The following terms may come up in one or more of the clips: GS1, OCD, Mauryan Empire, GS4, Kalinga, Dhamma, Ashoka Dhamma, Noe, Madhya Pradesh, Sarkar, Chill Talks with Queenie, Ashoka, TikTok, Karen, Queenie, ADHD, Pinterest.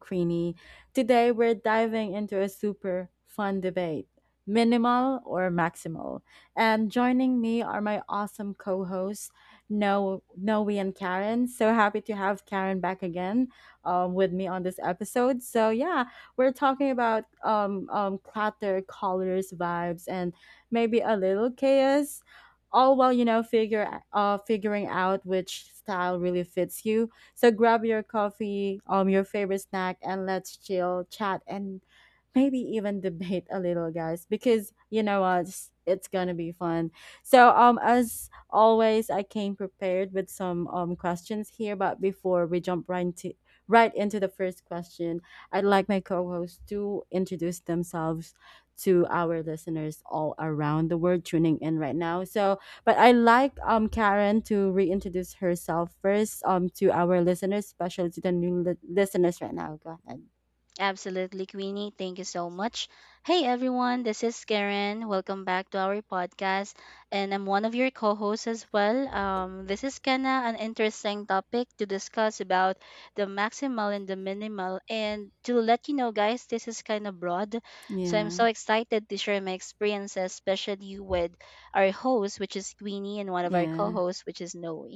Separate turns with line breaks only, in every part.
Queenie. Today we're diving into a super fun debate: minimal or maximal. And joining me are my awesome co hosts, Noe and Karen. So happy to have Karen back again with me on this episode. So, yeah, we're talking about clutter, colors, vibes, and maybe a little chaos all while figure figuring out which style really fits you. So grab your coffee, your favorite snack, and let's chill, chat, and maybe even debate a little, guys, because you know what, it's going to be fun. So as always, I came prepared with some questions here, but before we jump right into the first question, I'd like my co-hosts to introduce themselves to our listeners all around the world tuning in right now. So but I like Karen to reintroduce herself first to our listeners, especially to the new listeners right now. Go ahead.
Absolutely, Queenie. Thank you so much. Hey, everyone. This is Karen. Welcome back to our podcast. And I'm one of your co hosts as well. This is kind of an interesting topic to discuss about the maximal and the minimal. And to let you know, guys, this is kind of broad. So I'm
Yeah,
so excited to share my experiences, especially with our host, which is Queenie, and one of our co
yeah.
hosts, which is Noe.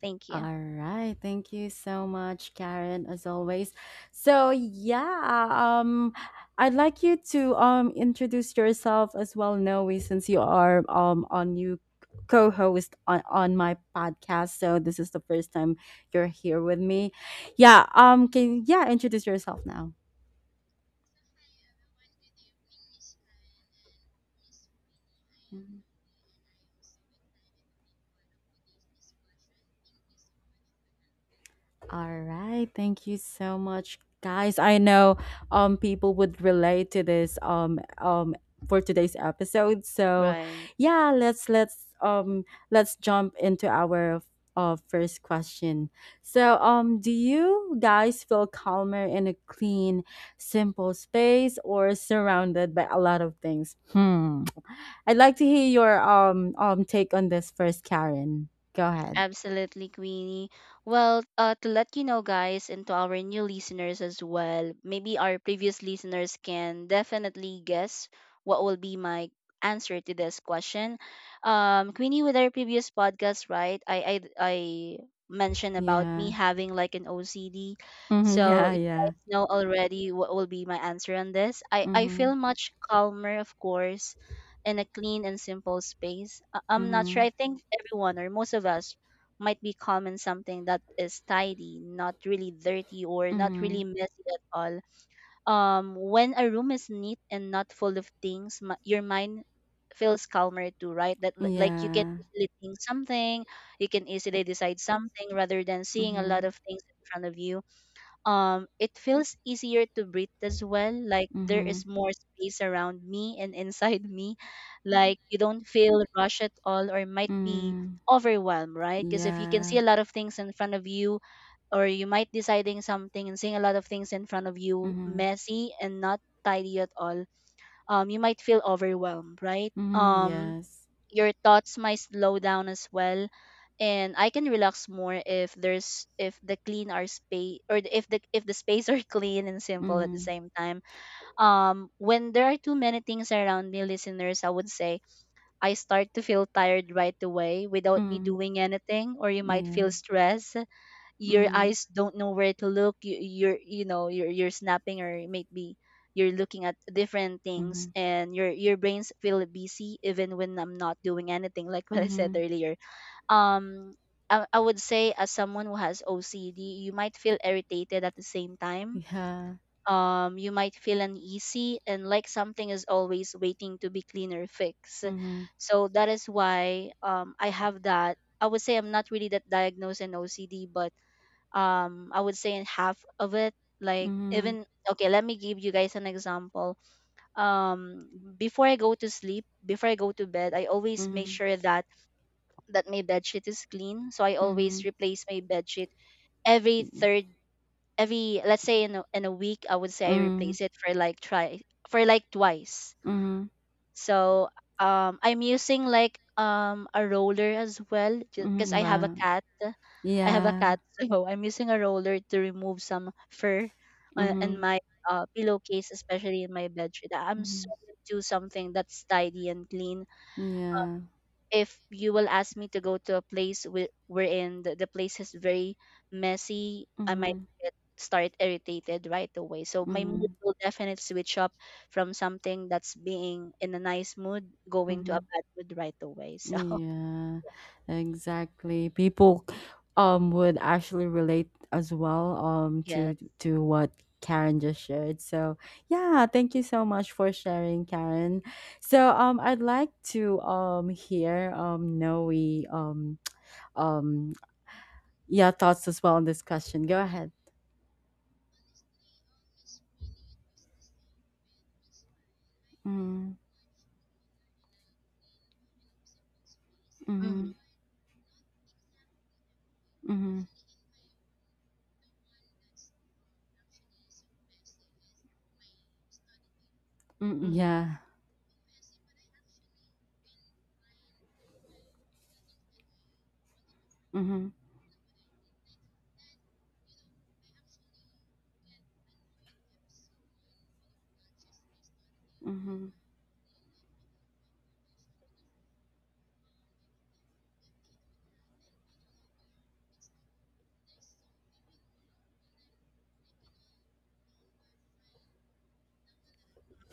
Thank you.
All right. Thank you so much, Karen, as always. So, yeah, I'd like you to introduce yourself as well, Noe, since you are a new co-host on my podcast. So, this is the first time you're here with me. Yeah, introduce yourself now. All right, thank you so much, guys. I know people would relate to this for today's episode. So,
Right.
yeah, let's jump into our first question. So do you guys feel calmer in a clean, simple space or surrounded by a lot of things? Hmm. I'd like to hear your take on this first, Karen. Go ahead.
Absolutely, Queenie. Well, to let you know, guys, and to our new listeners as well, maybe our previous listeners can definitely guess what will be my answer to this question. Queenie, with our previous podcast, right? I mentioned about me
Yeah.
having like an OCD,
Hmm.
so
Yeah,
you
yeah.
guys know already what will be my answer on this. I
Mm-hmm.
feel much calmer, of course, in a clean and simple space. I'm not sure.
Mhm.
I think everyone or most of us might be common something that is tidy, not really dirty or not really
Mhm.
messy at all. When a room is neat and not full of things, your mind feels calmer too, right? Like you can
Yeah.
easily think something, you can easily decide something rather than seeing a lot
Mhm.
of things in front of you. It feels easier to breathe as well. Like there
Mhm.
is more space around me and inside me. Like you don't feel rushed at all or might be
Mhm.
overwhelmed, right? Because if you can see
Yeah.
a lot of things in front of you, or you might deciding something and seeing a lot of things in front of you
Mhm.
messy and not tidy at all, you might feel overwhelmed, right?
Mhm. Yes.
Your thoughts might slow down as well, and I can relax more if the clean are space if the space are clean and simple at the
Mhm.
same time. When there are too many things around me, listeners, I would say I start to feel tired right away without me
Mhm.
doing anything, or you might
Yeah.
feel stress. Your
Mhm.
eyes don't know where to look. You're snapping, or maybe you're looking at different things,
Mhm.
and your brains feel busy even when I'm not doing anything, like what I said
Mhm.
earlier. Um I, I would say as someone who has ocd you might feel irritated at the same time.
Yeah.
You might feel uneasy and like something is always waiting to be clean or fixed.
Mhm.
So that is why I have that. I would say I'm not really that diagnosed in ocd, but I would say in half of it. Like,
Mhm.
even, okay, let me give you guys an example. um Before I go to sleep, before I go to bed, I always make
Mhm.
sure that my bed sheet is clean. So I always
Mhm.
replace my bed sheet every
Mhm.
third, every, let's say in a week, I would say I
Mhm.
replace it for like, try, for like twice.
Mhm.
So I'm using like, a roller as well, because
Mhm. Wow.
I have a cat,
Yeah.
so I'm using a roller to remove some fur in
Mhm.
my pillowcase, especially in my bedsheet. I'm so
Mhm.
into something that's tidy and clean.
Yeah.
If you will ask me to go to a place wherein the place is very messy, I might
Mhm.
get start irritated right away. So my mood
Mhm.
will definitely switch up from something that's being in a nice mood going to a
Mhm.
bad mood right away.
Yeah, exactly. People would actually relate as well
So yes.
to what Karen just shared. So, yeah, thank you so much for sharing, Karen. So, I'd like to hear Noe um um yeah, thoughts as well on this question. Go ahead. Mm,
Mm-hmm.
mm, mm, mm, yeah. Mm, mm,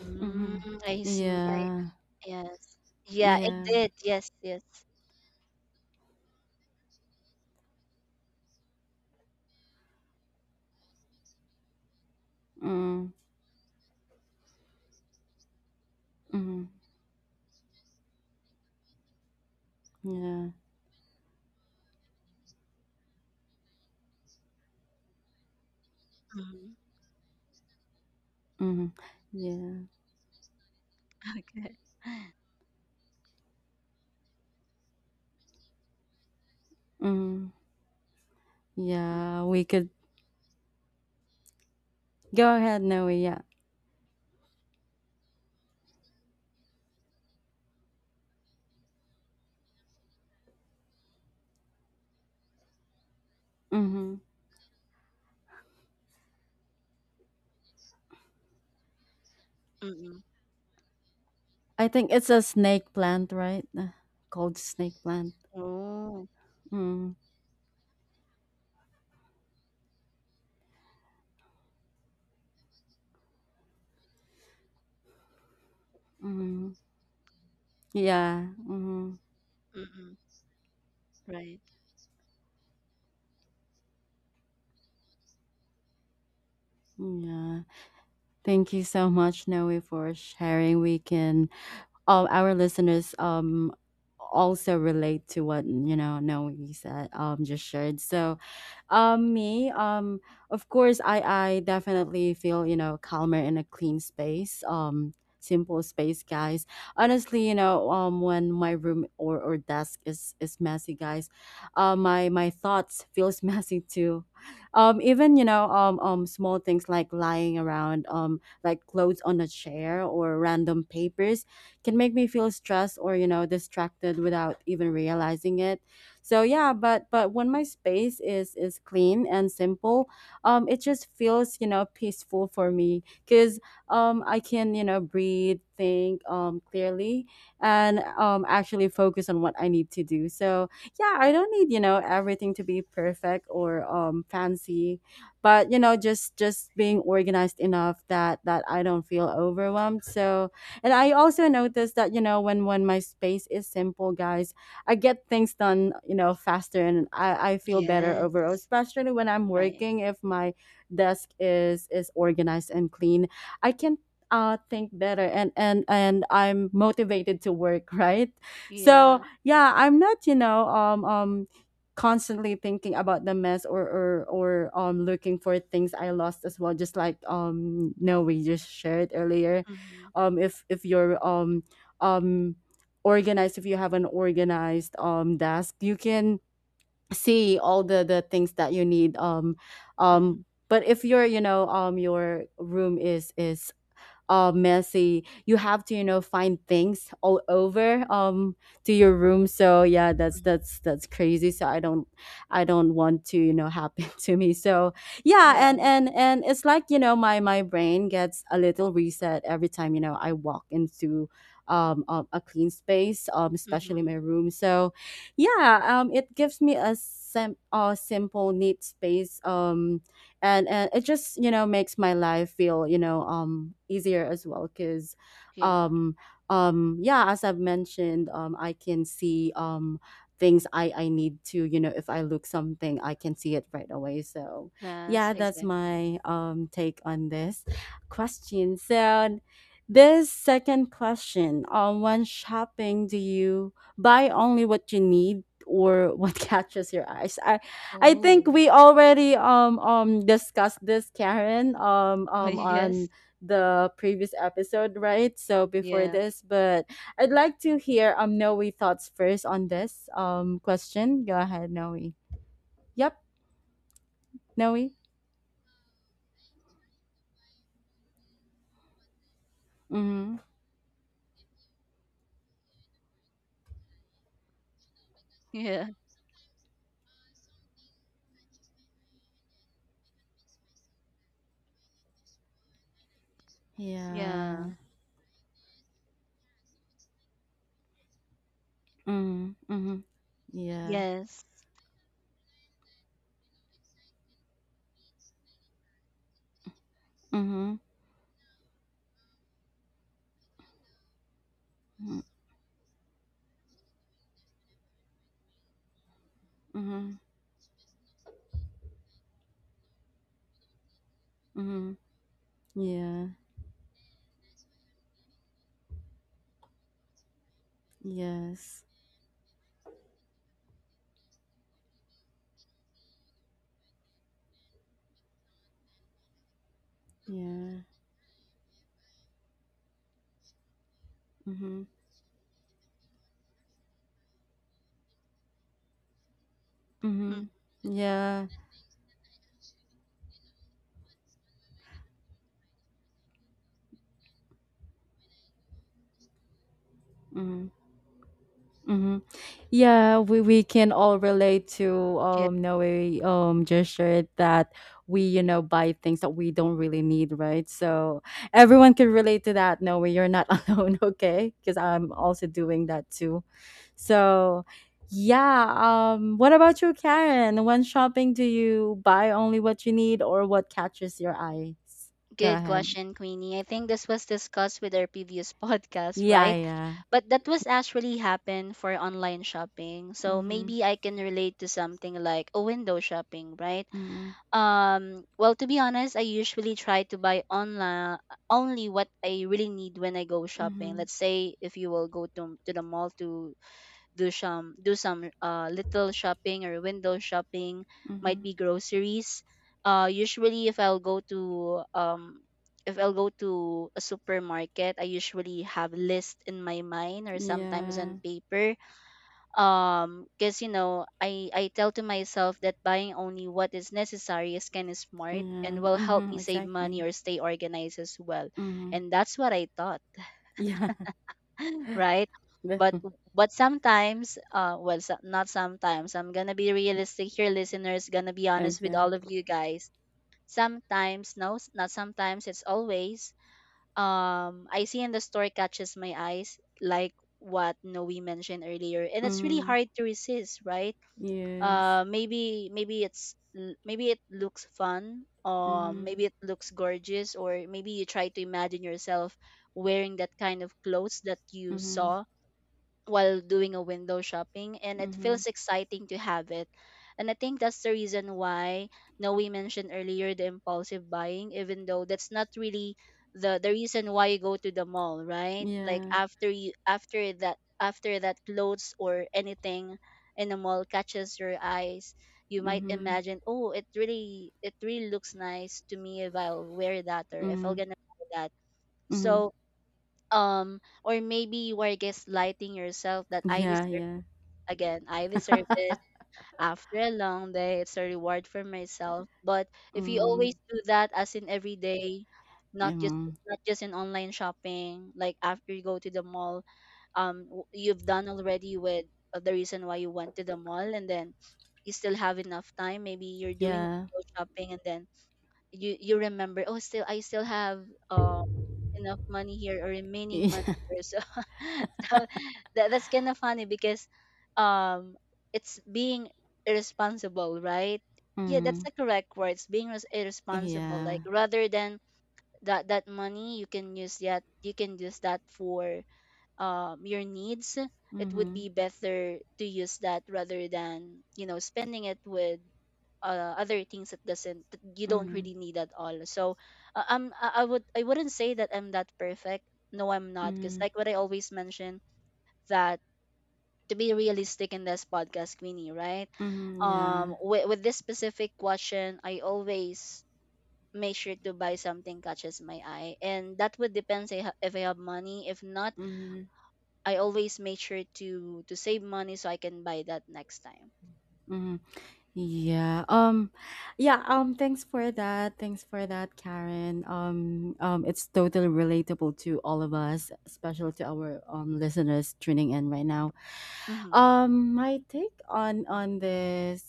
Mm,
mm,
I see. I.
yeah.
Yes. Yeah, it
Yeah.
did. Yes, yes.
Mm, mm, yeah.
Mhm.
Mhm. Yeah.
Okay.
Mhm.
Mm,
Yeah, we could go ahead, Noe. Yeah. Mhm.
Mm-mm.
I think it's a snake plant, right? Called snake plant.
Oh.
Mhm. Mhm. Yeah. Mhm.
Mm-mm. Right.
Yeah. Thank you so much, Noe, for sharing. We can all our listeners also relate to what Noe said just shared. So, me, of course, I definitely feel calmer in a clean space. Simple space, guys. Honestly, when my room or desk is messy, guys, my thoughts feels messy too. Even small things like lying around, like clothes on a chair or random papers, can make me feel stressed or distracted without even realizing it. So, yeah, but when my space is clean and simple, it just feels, peaceful for me because I can, breathe, think clearly, and actually focus on what I need to do. So, yeah, I don't need, everything to be perfect or fancy, but, just being organized enough that I don't feel overwhelmed. So, and I also noticed that, when my space is simple, guys, I get things done, faster, and I feel better overall,
Yes.
especially when I'm
Right.
working. If my desk is organized and clean, I can think better, and I'm motivated to work, right? So,
Yeah.
yeah, I'm not, constantly thinking about the mess, or looking for things I lost as well, just like no we just shared earlier.
Mm-hmm.
If you're um organized, if you have an organized desk, you can see all the things that you need,
Mm-hmm.
but if your, your room is messy. You have to, find things all over, to your room. So, yeah, that's
Mm-hmm.
that's that's crazy. So I don't, want to, happen to me. So, yeah,
Yeah.
and it's like, my brain gets a little reset every time, I walk into, a clean space, especially
Mm-hmm.
my room. So, yeah, it gives me a simple neat space, and it just, makes my life feel, easier as well because,
Yeah.
um yeah as I've mentioned, I can see things I need to, if I look something, I can see it right away. So,
Yes,
yeah, that's
exactly.
my take on this question. So this second question, when shopping, do you buy only what you need or what catches your eyes? I think
Oh.
we already discussed this, Karen, on
Yes.
the previous episode, right? So before
Yeah.
this, but I'd like to hear Noe thoughts first on this question. Go ahead, Noe. Yep, Noe. Mm-hmm.
Yeah. Yeah.
Yeah. Mm-hmm. Mm-hmm. Yeah.
Yes.
Mm-hmm. Mm-hmm. Mm-hmm. Yeah. Yes. Yeah. Mm-hmm.
Mm.
Mm-hmm. Yeah. Mm-hmm. Mm-hmm. Yeah, we can all relate to no way gesture that we, buy things that we don't really need, right? So everyone can relate to that. No way, you're not alone, okay? Because I'm also doing that too. So, yeah, what about you, Karen? When shopping, do you buy only what you need or what catches your eyes? Go
Good
ahead.
question, Queenie. I think this was discussed with our previous podcast,
Yeah,
right?
yeah.
But that was actually happened for online shopping. So
Mm-hmm.
maybe I can relate to something like a window shopping, right?
Mm-hmm.
Well, to be honest, I usually try to buy online only what I really need when I go shopping.
Mm-hmm.
Let's say if you will go to the mall to do some little shopping or window shopping,
Mm-hmm.
might be groceries, usually if I'll go to, if I'll go to a supermarket I usually have list in my mind or sometimes
Yeah.
on paper. Because you know I tell to myself that buying only what is necessary is kind of smart and
Yeah.
will help
Mm-hmm.
me save money
Exactly.
or stay organized as well.
Mhm.
And that's what I thought,
Yeah.
right?
That
But but sometimes, well, so, not sometimes. I'm gonna be realistic here, listeners. Gonna be honest with
okay.
all of you guys. Sometimes, no, not sometimes. It's always. I see in the store catches my eyes, like what Noe mentioned earlier, and it's really
Mhm.
hard to resist, right?
Yes.
Maybe it looks fun. Um,
Mhm.
maybe it looks gorgeous, or maybe you try to imagine yourself wearing that kind of clothes that you
Mhm.
saw while doing a window shopping, and it
Mhm.
feels exciting to have it. And I think that's the reason why now we mentioned earlier the impulsive buying, even though that's not really the reason why you go to the mall, right? Like
Yeah.
after that clothes or anything in the mall catches your eyes, you might
Mhm.
imagine, oh, it really looks nice to me if I'll wear that, or if I will
Mhm.
gonna buy that.
Mhm.
So or maybe you are gaslighting yourself that
Yeah, yeah.
I deserve this after a long day. It's a reward for myself. But if you
Mhm.
always do that, as in every day, not just
Mhm.
not just in online shopping, like after you go to the mall, you've done already with the reason why you went to the mall, and then you still have enough time. Maybe you're doing
Yeah.
window shopping, and then you remember, oh, still I still have um enough money here, or remaining money here. So, so that's kind of funny because, um, it's being irresponsible, right? Yeah, that's
Mhm.
the correct word. It's being irresponsible. Like,
Yeah.
rather than that money, you can use that for your needs, it would
Mhm.
be better to use that rather than spending it with other things that doesn't that you don't
Mhm.
really need at all. So I wouldn't say that I'm that perfect. No, I'm not, because
Mhm.
like what I always mention, that to be realistic in this podcast, Queenie, right?
Mhm. Yeah.
With this specific question, I always make sure to buy something catches my eye, and that would depends if I have money. If not,
Mhm.
I always make sure to save money so I can buy that next time.
Mhm. Yeah. Yeah, thanks for that. Thanks for that, Karen. It's totally relatable to all of us, especially to our listeners tuning in right now.
Mm-hmm.
My take on this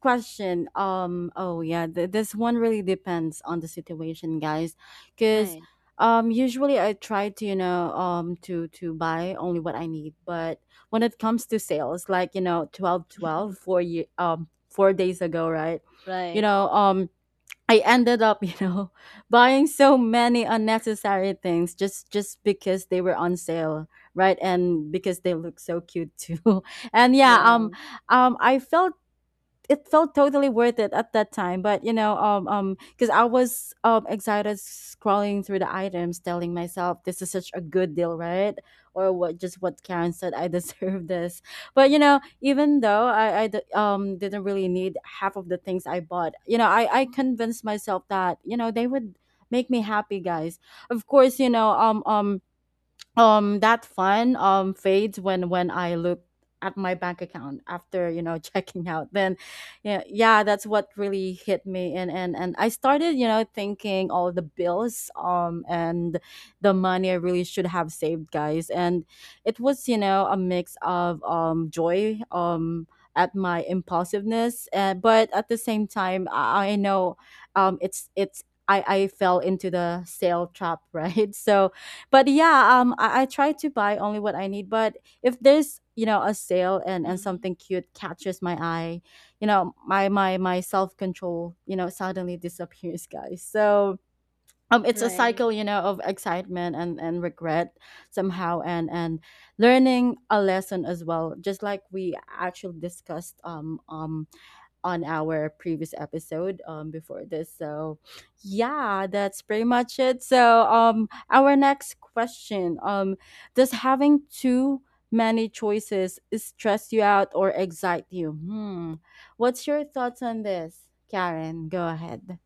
question. Oh yeah, this one really depends on the situation, guys. Because,
Right.
usually I try to, to buy only what I need, but when it comes to sales, like, twelve twelve 4 days ago, right? You
Right.
know um I ended up, buying so many unnecessary things, just because they were on sale, right? And because they look so cute too. And yeah,
Yeah.
I felt it felt totally worth it at that time, but, because I was excited, scrolling through the items, telling myself, this is such a good deal, right? Or what just what Karen said, I deserve this. But, even though didn't really need half of the things I bought, I convinced myself that, they would make me happy, guys. Of course, that fun fades when I look at my bank account after, checking out. Then, yeah, yeah, that's what really hit me, and I started, thinking all the bills, and the money I really should have saved, guys. And it was, a mix of joy at my impulsiveness, but at the same time, I know, it's I fell into the sale trap, right? So, but yeah, I try to buy only what I need, but if there's, a sale, and
Mhm.
something cute catches my eye, my self-control, suddenly disappears, guys. So, it's a
Right.
cycle, of excitement, and regret somehow, and learning a lesson as well, just like we actually discussed on our previous episode, before this. So, yeah, that's pretty much it. So, our next question, does having too many choices stress you out or excite you? Hmm, what's your thoughts on this, Karen? Go ahead.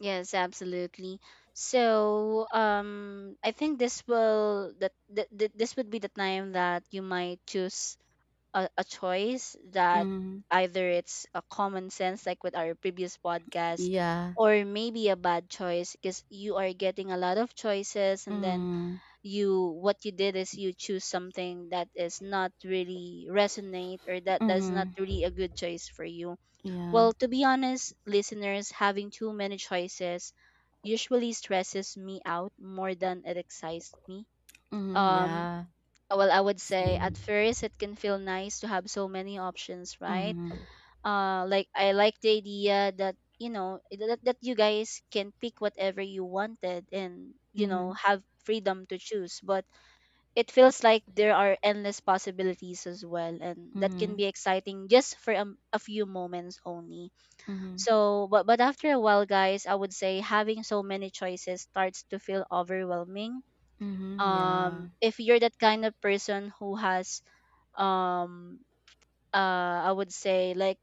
Yes, absolutely. So, I think this will that, that that- this would be the time that you might choose a choice, that
Hmm.
either it's a common sense like with our previous podcast,
Yeah.
or maybe a bad choice, because you are getting a lot of choices, and then
Mm,
you, what you did is you choose something that is not really resonate, or that's not
mhm,
really a good choice for you.
yeah.
Well, to be honest, listeners, having too many choices usually stresses me out more than it excites me.
Mhm,
um
yeah.
well, I would say at
Same.
first it can feel nice to have so many options, right?
Mhm,
Like, I like the idea that that you guys can pick whatever you wanted and
mhm,
have freedom to choose. But it feels like there are endless possibilities as well, and that can
mhm,
be exciting just for a few moments only.
mhm,
So, but after a while, guys, I would say having so many choices starts to feel overwhelming.
mhm, yeah.
If you're that kind of person who has um I would say like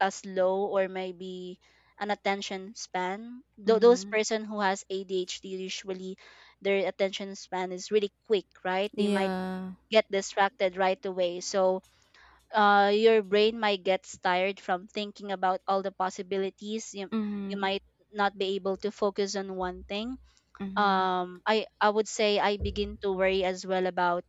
a slow or maybe an attention span. Those
Mhm,
person who has adhd usually their attention span is really quick, right? They might
yeah.
get distracted right away. So your brain might get tired from thinking about all the possibilities. You
Mhm,
might not be able to focus on one thing.
mhm,
I would say I begin to worry as well about,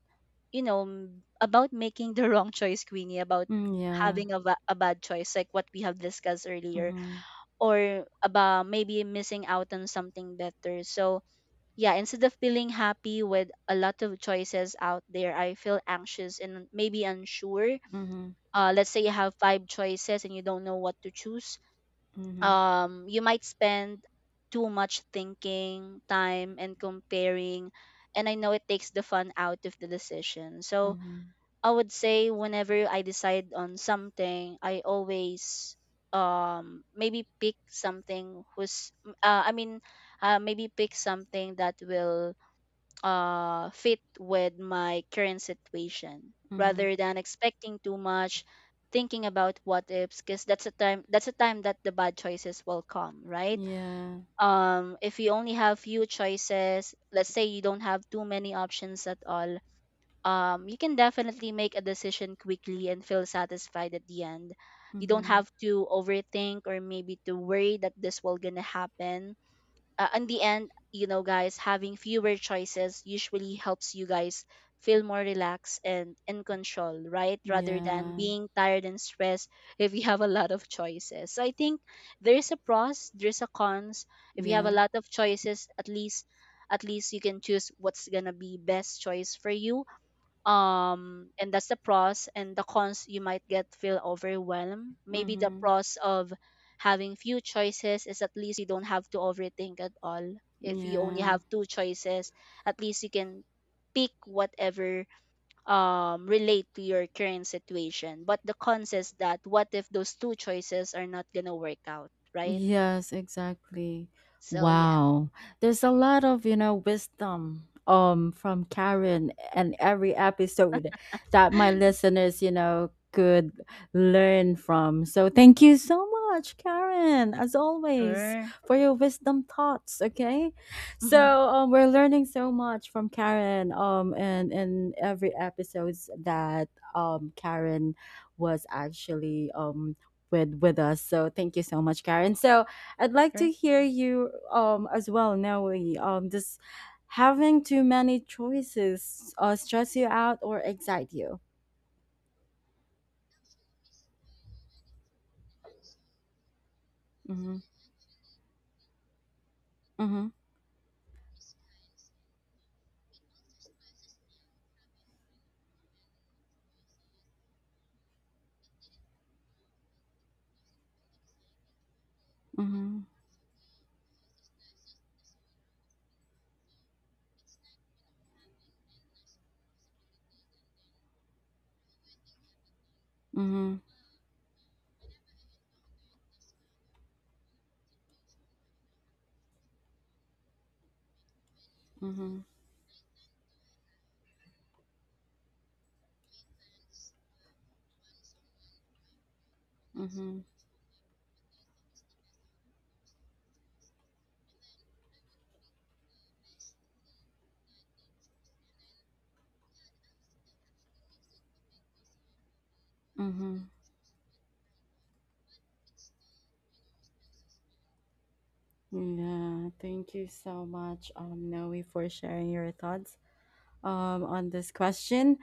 you know, about making the wrong choice, Queenie, about
mm, yeah.
having a bad choice, like what we have discussed earlier,
Mhm,
or about maybe missing out on something better. So yeah, instead of feeling happy with a lot of choices out there, I feel anxious and maybe unsure.
mhm,
Let's say you have five choices and you don't know what to choose.
mhm,
You might spend too much thinking, time, and comparing. And I know it takes the fun out of the decision. So
mhm,
I would say whenever I decide on something, I always maybe pick something who's uh, I mean maybe pick something that will fit with my current situation
mhm,
rather than expecting too much thinking about what ifs, because that's a time that the bad choices will come, right?
yeah.
If you only have few choices, let's say you don't have too many options at all. You can definitely make a decision quickly and feel satisfied at the end. You don't
Mhm,
have to overthink or maybe to worry that this will gonna happen in the end. Guys, having fewer choices usually helps you guys feel more relaxed and in control, right? Rather than
yeah.
being tired and stressed if you have a lot of choices. So I think there's a pros, there's a cons. If you have a
Yeah.
lot of choices, at least you can choose what's gonna be best choice for you. And that's the pros. And the cons, you might get feel overwhelmed. Maybe the
Mhm,
pros of having few choices is at least you don't have to overthink at all. If you only
yeah.
have two choices, at least you can pick whatever relate to your current situation. But the cons is that what if those two choices are not gonna work out, right?
Yes, exactly.
So yeah.
Wow. There's a lot of, wisdom from Karen and every episode that my listeners, could learn from. So thank you so much, Karen, as always,
Sure.
for your wisdom thoughts, okay? So, we're learning so much from Karen and in every episodes that Karen was actually with us. So thank you so much, Karen. So I'd like
Sure.
to hear you as well, Noe. Does having too many choices stress you out or excite you? Mm-hmm. Mm-hmm. Mm-hmm. Mm-hmm. Mm-hmm. Mm-hmm. Mm-hmm. Yeah, thank you so much, Noe, for sharing your thoughts on this question.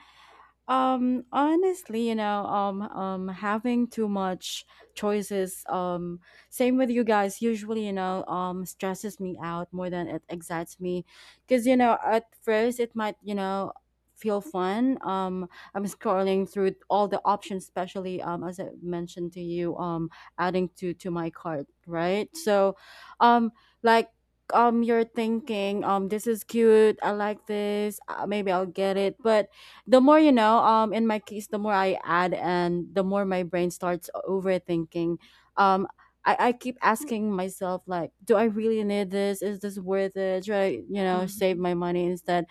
Honestly, having too much choices, same with you guys, usually, stresses me out more than it excites me. Cause, you know, at first it might, you know, feel fun. I'm scrolling through all the options, especially, as I mentioned to you, adding to, my cart, right? So, um, like, you're thinking, this is cute. I like this. Maybe I'll get it. But the more in my case, the more I add and the more my brain starts overthinking. Um I, I keep asking myself, like, do I really need this? Is this worth it? Should I, you know, save
Mm-hmm.
my money instead?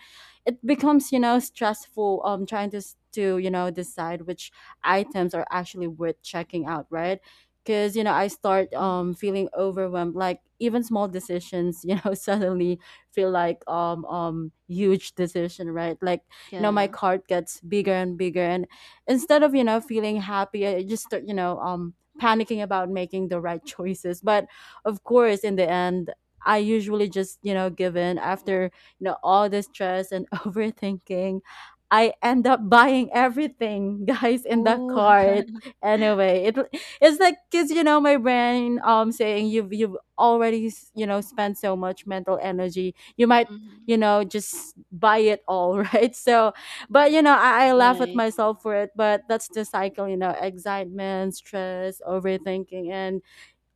It becomes, you know, stressful, trying to you know, decide which items are actually worth checking out, right? Because, you know, I start
Mm-hmm.
feeling overwhelmed, like even small decisions, you know, suddenly feel like huge decision right? Like, you know, my
Yeah.
cart gets bigger and bigger, and instead of, you know, feeling happy, I just start, panicking about making the right choices. But of course, in the end, I usually just, you know, give in. After, you know, all the stress and overthinking, I end up buying everything guys in the
Ooh.
cart anyway. It's like, because, you know, my brain saying, you've already you know, spent so much mental energy, you might,
Mhm.
you know, just buy it all. Right? So, but you know, I laugh at
Right.
myself for it, but that's the cycle, you know? Excitement, stress, overthinking, and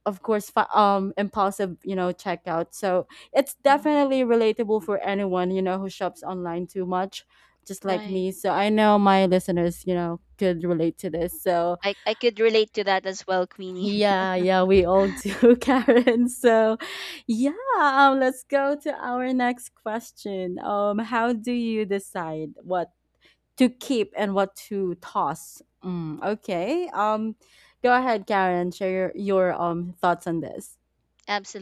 of course, impulsive, you know, checkout. So it's
Hmm.
definitely relatable for anyone, you know, who shops online too much, just like
Right.
me. So I know my listeners, you know, could relate to this. So
I could relate to that as well, Queenie.
yeah, yeah, we all do, Karen. So, yeah, let's go to our next question. How do you decide what to keep and what to toss? Mm, okay. Go ahead, Karen. Share your, thoughts on this.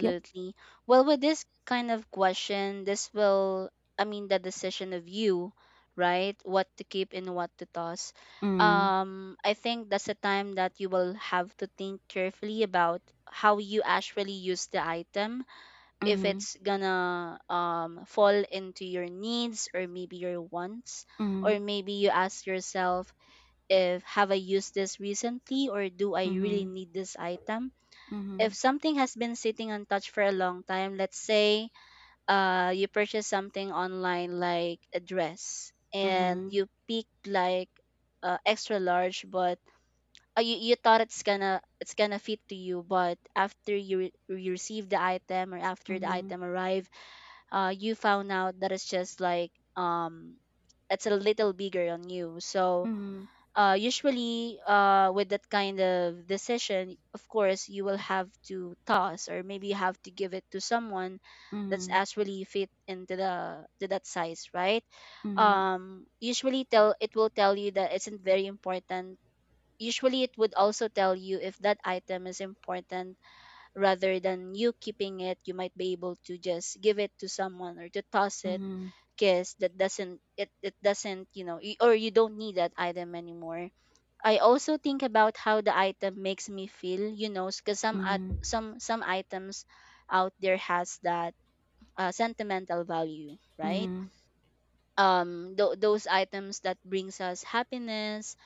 Yep.
Well, with this kind of question, this will, I mean, the decision of you, right? What to keep and what to toss.
Mm,
I think that's a time that you will have to think carefully about how you actually use the item. If
mm-hmm,
it's gonna fall into your needs or maybe your wants,
mm-hmm,
or maybe you ask yourself, if have I used this recently or do I really need this item?
mm-hmm,
If something has been sitting untouched for a long time, let's say you purchase something online like a dress and
mm-hmm,
you picked like extra large, but you thought it's gonna fit to you, but after you receive the item or after the
mm-hmm,
item arrive, you found out that it's just like um it's a little bigger on you. So
mm-hmm,
usually with that kind of decision, of course you will have to toss, or maybe you have to give it to someone that's
mm-hmm,
actually fit into the to that size, right?
mm-hmm,
Usually tell it will tell you that it's isn't very important. Usually it would also tell you if that item is important. Rather than you keeping it, you might be able to just give it to someone or to toss it
mm-hmm,
because that doesn't it doesn't, or you don't need that item anymore. I also think about how the item makes me feel, because some at
mm-hmm,
some items out there has that sentimental value, right?
mm-hmm,
Those items that brings us happiness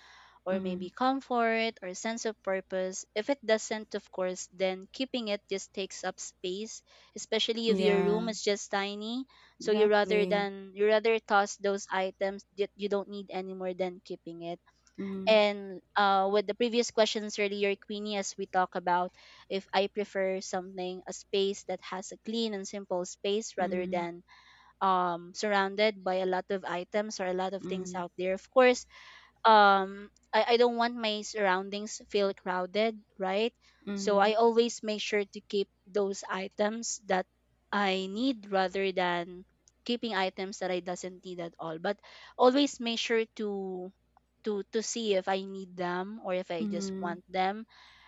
or
mm-hmm.
maybe comfort or sense of purpose. If it doesn't, of course, then keeping it just takes up space, especially if your room
Yeah,
is just tiny. So
exactly.
you rather toss those items that you don't need anymore than keeping it. And with the previous questions earlier, Queenie, as we talk about if I prefer something, a space that has a clean and simple space rather
Mm,
than surrounded by a lot of items or a lot of things
mm,
out there. Of course, I don't want my surroundings feel crowded, right? So
mm,
I always make sure to keep those items that I need rather than keeping items that I doesn't need at all. But always make sure to see if I need them or if I just
mm.
want them.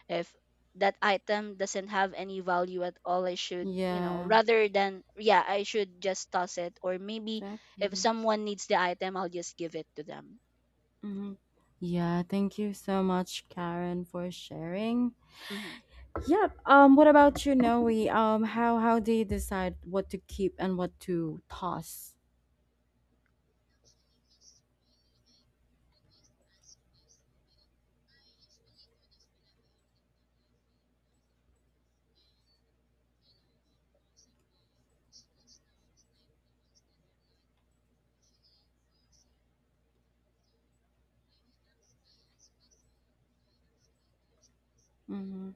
If that item doesn't have any value at all, I should, you know,
Yeah,
rather than, yeah, I should just toss it, or maybe if
exactly.
someone needs the item, I'll just give it to them.
Hmm. Yeah, thank you so much, Karen, for sharing.
Mm-hmm.
Yep. What about you, Noe? How do you decide what to keep and what to toss? Mm-hmm.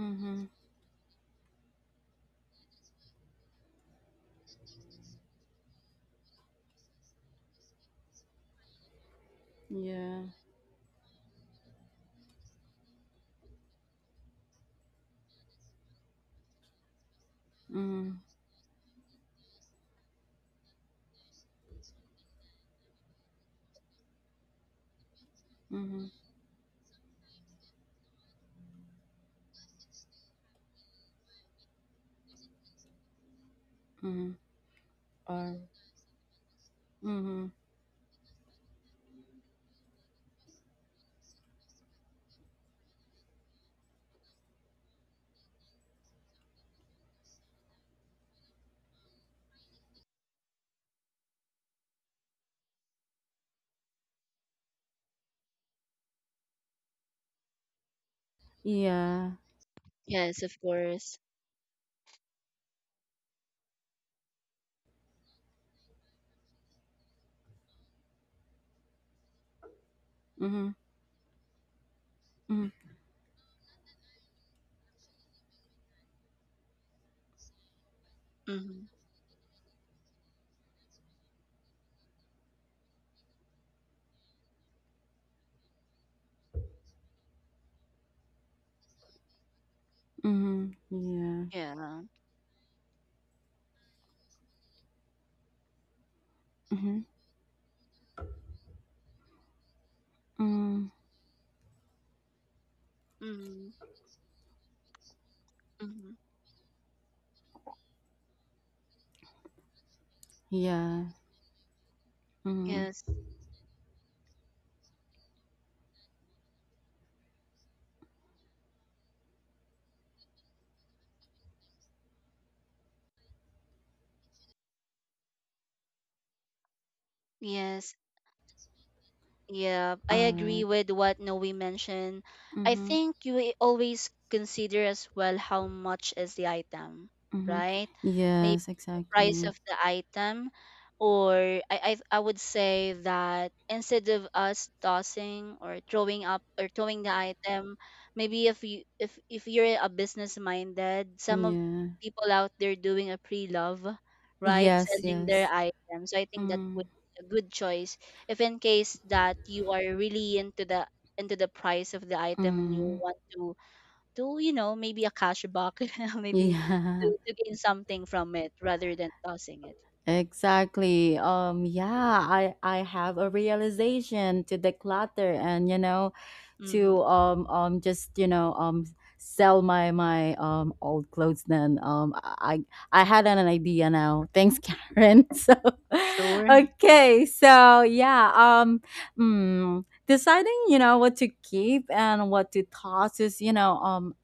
Mm-hmm. Yeah. Mm-hmm. Mm-hmm. Mm-hmm. Or mm-hmm. Yeah.
Yes, of course.
Mm-hmm. Mm-hmm.
Mm-hmm.
Mm-hmm. Yeah.
Yeah.
Mm-hmm. Mm-hmm.
Mm-hmm. Mm-hmm.
Yeah. Mm-hmm.
Yes. Yes. Yeah,
All
I agree
right.
with what Noe mentioned. I
Mm-hmm.
think you will always consider as well how much is the item,
Mm-hmm.
right? Maybe
Yes,
the price
exactly.
of the item, or I would say that instead of us tossing or throwing up or throwing the item, maybe if you're a business minded, some of
Yeah.
people out there doing a pre love, right,
Yes,
selling their
yes.
items. So I think that would
Mm.
be a good choice if in case that you are really into the price of the item, and you
Mm.
want to maybe a cash back maybe
Yeah.
to, to gain something from it rather than tossing it.
Exactly. Yeah, I have a realization to declutter and, you know,
Mm-hmm.
to just, you know, sell my old clothes. Then I had an idea now, thanks Karen. So
Sure.
okay, so yeah, mm, deciding, you know, what to keep and what to toss is, you know,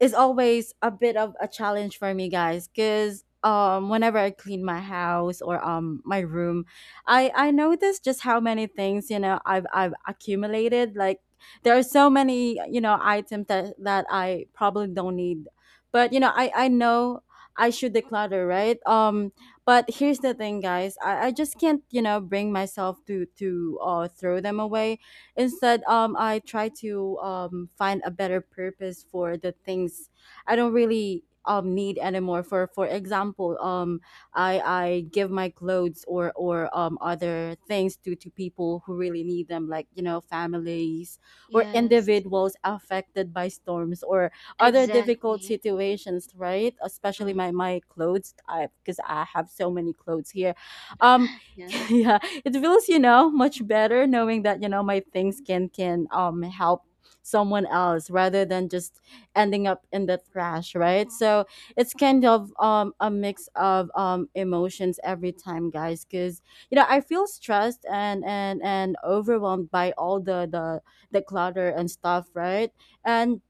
is always a bit of a challenge for me, guys, because whenever I clean my house or my room, I notice just how many things, you know, I've accumulated. Like there are so many, you know, items that I probably don't need, but you know, I know I should declutter, right? But here's the thing, guys, I just can't, you know, bring myself to throw them away. Instead, I try to find a better purpose for the things I don't really need anymore. For example, I give my clothes or other things to people who really need them, like you know, families or
Yes,
individuals affected by storms or other difficult
exactly.
situations, right? Especially my
Mm-hmm.
clothes, I, because I have so many clothes here. Um,
Yeah.
yeah, it feels, you know, much better knowing that, you know, my things can help someone else rather than just ending up in the trash, right? So it's kind of a mix of emotions every time, guys, because, you know, I feel stressed and overwhelmed by all the clutter and stuff, right? And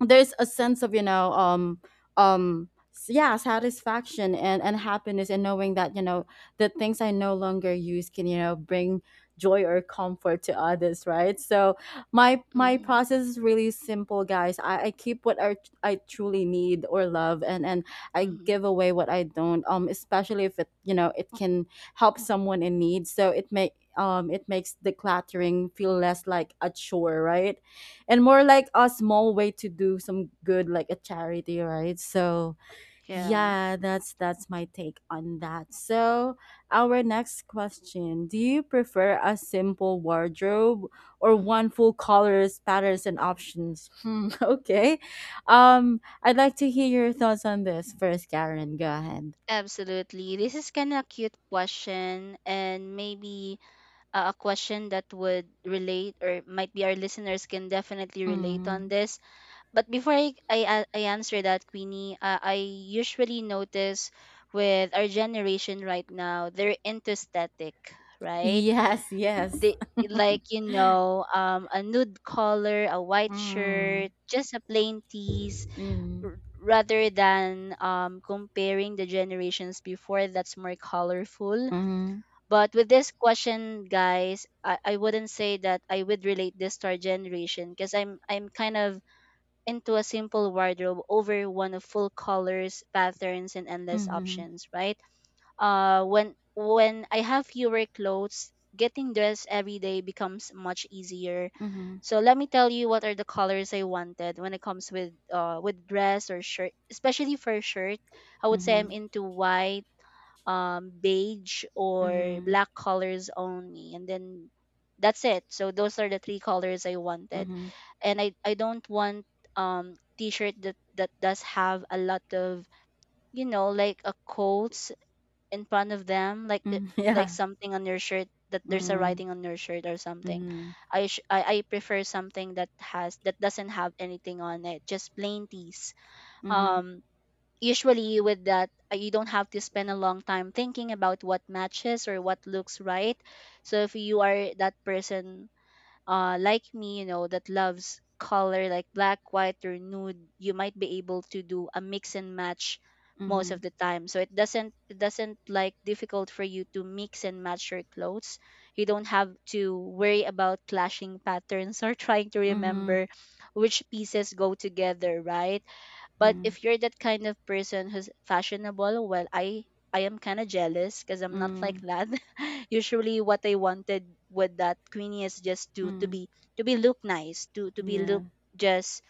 there's a sense of, you know, um yeah, satisfaction and happiness, and knowing that, you know, the things I no longer use can, you know, bring joy or comfort to others, right? So my
Mm-hmm.
process is really simple, guys. I keep what I truly need or love, and I
Mm-hmm.
give away what I don't, especially if it you know, it can help someone in need. So it may it makes decluttering feel less like a chore, right, and more like a small way to do some good, like a charity, right? So
Yeah.
yeah, that's my take on that. So our next question: do you prefer a simple wardrobe or one
Mm-hmm.
full colors, patterns and options? Hmm, okay, I'd like to hear your thoughts on this first, Karen. Go ahead.
Absolutely. This is kind of a cute question, and maybe a question that would relate, or might be our listeners can definitely relate on
Mm.
this. But before I answer that, Queenie, I usually notice with our generation right now, they're into static, right?
Yes, yes.
They like, a nude color, a white
Mm.
shirt, just a plain tees,
Mm.
rather than comparing the generations before that's more colorful.
Mm-hmm.
But with this question, guys, I wouldn't say that I would relate this to our generation, because I'm kind of into a simple wardrobe over one of full colors, patterns, and endless
Mm-hmm.
options, right? When I have fewer clothes, getting dressed every day becomes much easier.
Mm-hmm.
So let me tell you what are the colors I wanted when it comes with dress or shirt, especially for shirt. I would say I'm
Mm-hmm.
into white, beige, or black colors only, and then that's it. So those are the three colors I wanted,
Mm-hmm.
and I don't want t-shirt that does have a lot of, like a quotes in front of them,
Mm,
like
yeah.
something on your shirt, that there's a
Mm,
writing on your shirt or something.
mhm,
I, sh- I prefer something that has that doesn't have anything on it, just plain tees.
mhm,
Um, Usually with that, you don't have to spend a long time thinking about what matches or what looks right. So if you are that person, like me, you know, that loves color like black, white, or nude, you might be able to do a mix and match most
mhm,
of the time. So it doesn't, like difficult for you to mix and match your clothes. You don't have to worry about clashing patterns or trying to
mhm,
remember which pieces go together, right? But
mm,
if you're that kind of person who's fashionable, well, I am kind of jealous because I'm not like
mm,
that. Usually, what I wanted with that, Queenie, is just to to
mm,
be to be look nice, to be
yeah.
look just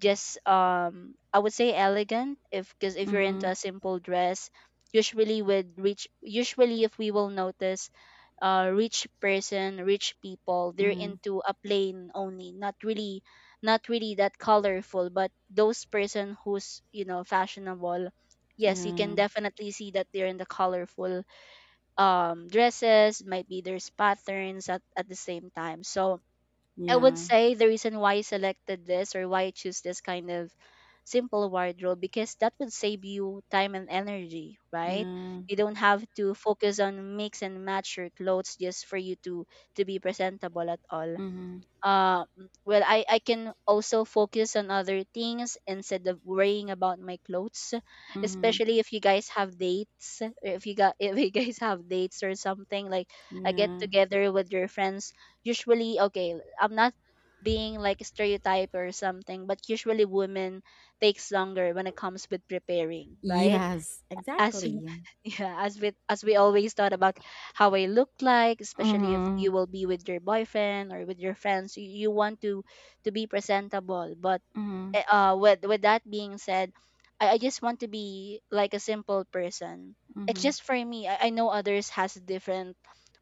just I would say elegant. If Because if you're into
Mhm,
a simple dress, usually with rich usually if we will notice, rich person, rich people, they're
mm,
into a plain only, not really, that colorful. But those person who's, you know, fashionable, yes, you can
yeah,
definitely see that they're in the colorful dresses, might be there's patterns at the same time. So I would
yeah,
say the reason why I selected this, or why I choose this kind of simple wardrobe, because that would save you time and energy, right?
yeah,
You don't have to focus on mix and match your clothes just for you to be presentable at all.
mhm,
Well, I can also focus on other things instead of worrying about my clothes,
mhm,
especially if you guys have dates, or if you got if you guys have dates or something like a get
yeah.
together with your friends. Usually, okay, I'm not being like stereotype or something, but usually women takes longer when it comes with preparing, right?
Yes,
as we-
exactly.
yeah, as with as we always thought about how I look like, especially if
Mhm,
you will be with your boyfriend or with your friends, you want to be presentable. But
mhm,
with that being said, I just want to be like a simple person. It's
mhm,
just for me. I know others has a different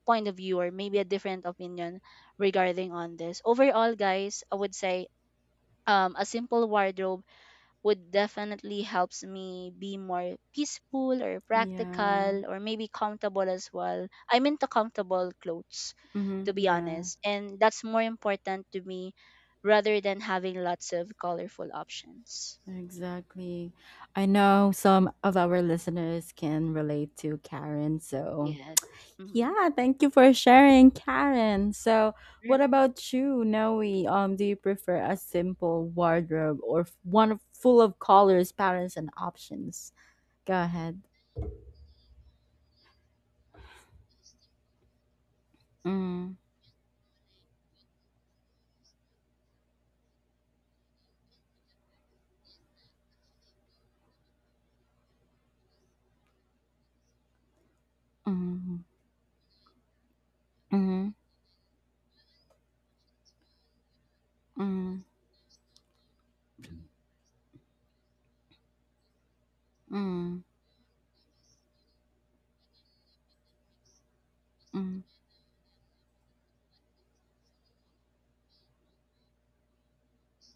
point of view or maybe a different opinion regarding on this. Overall, guys, I would say a simple wardrobe would definitely helps me be more peaceful or
yeah,
practical or maybe comfortable as well. I'm into comfortable clothes,
mhm,
to be
yeah,
honest, and that's more important to me rather than having lots of colorful options.
exactly. I know some of our listeners can relate to Karen, so
Yes. Mm-hmm.
yeah, thank you for sharing, Karen. So, what about you, Noe? Do you prefer a simple wardrobe or one full of colors, patterns, and options? Go ahead. Mm, mm, mm, mm, mm, mm,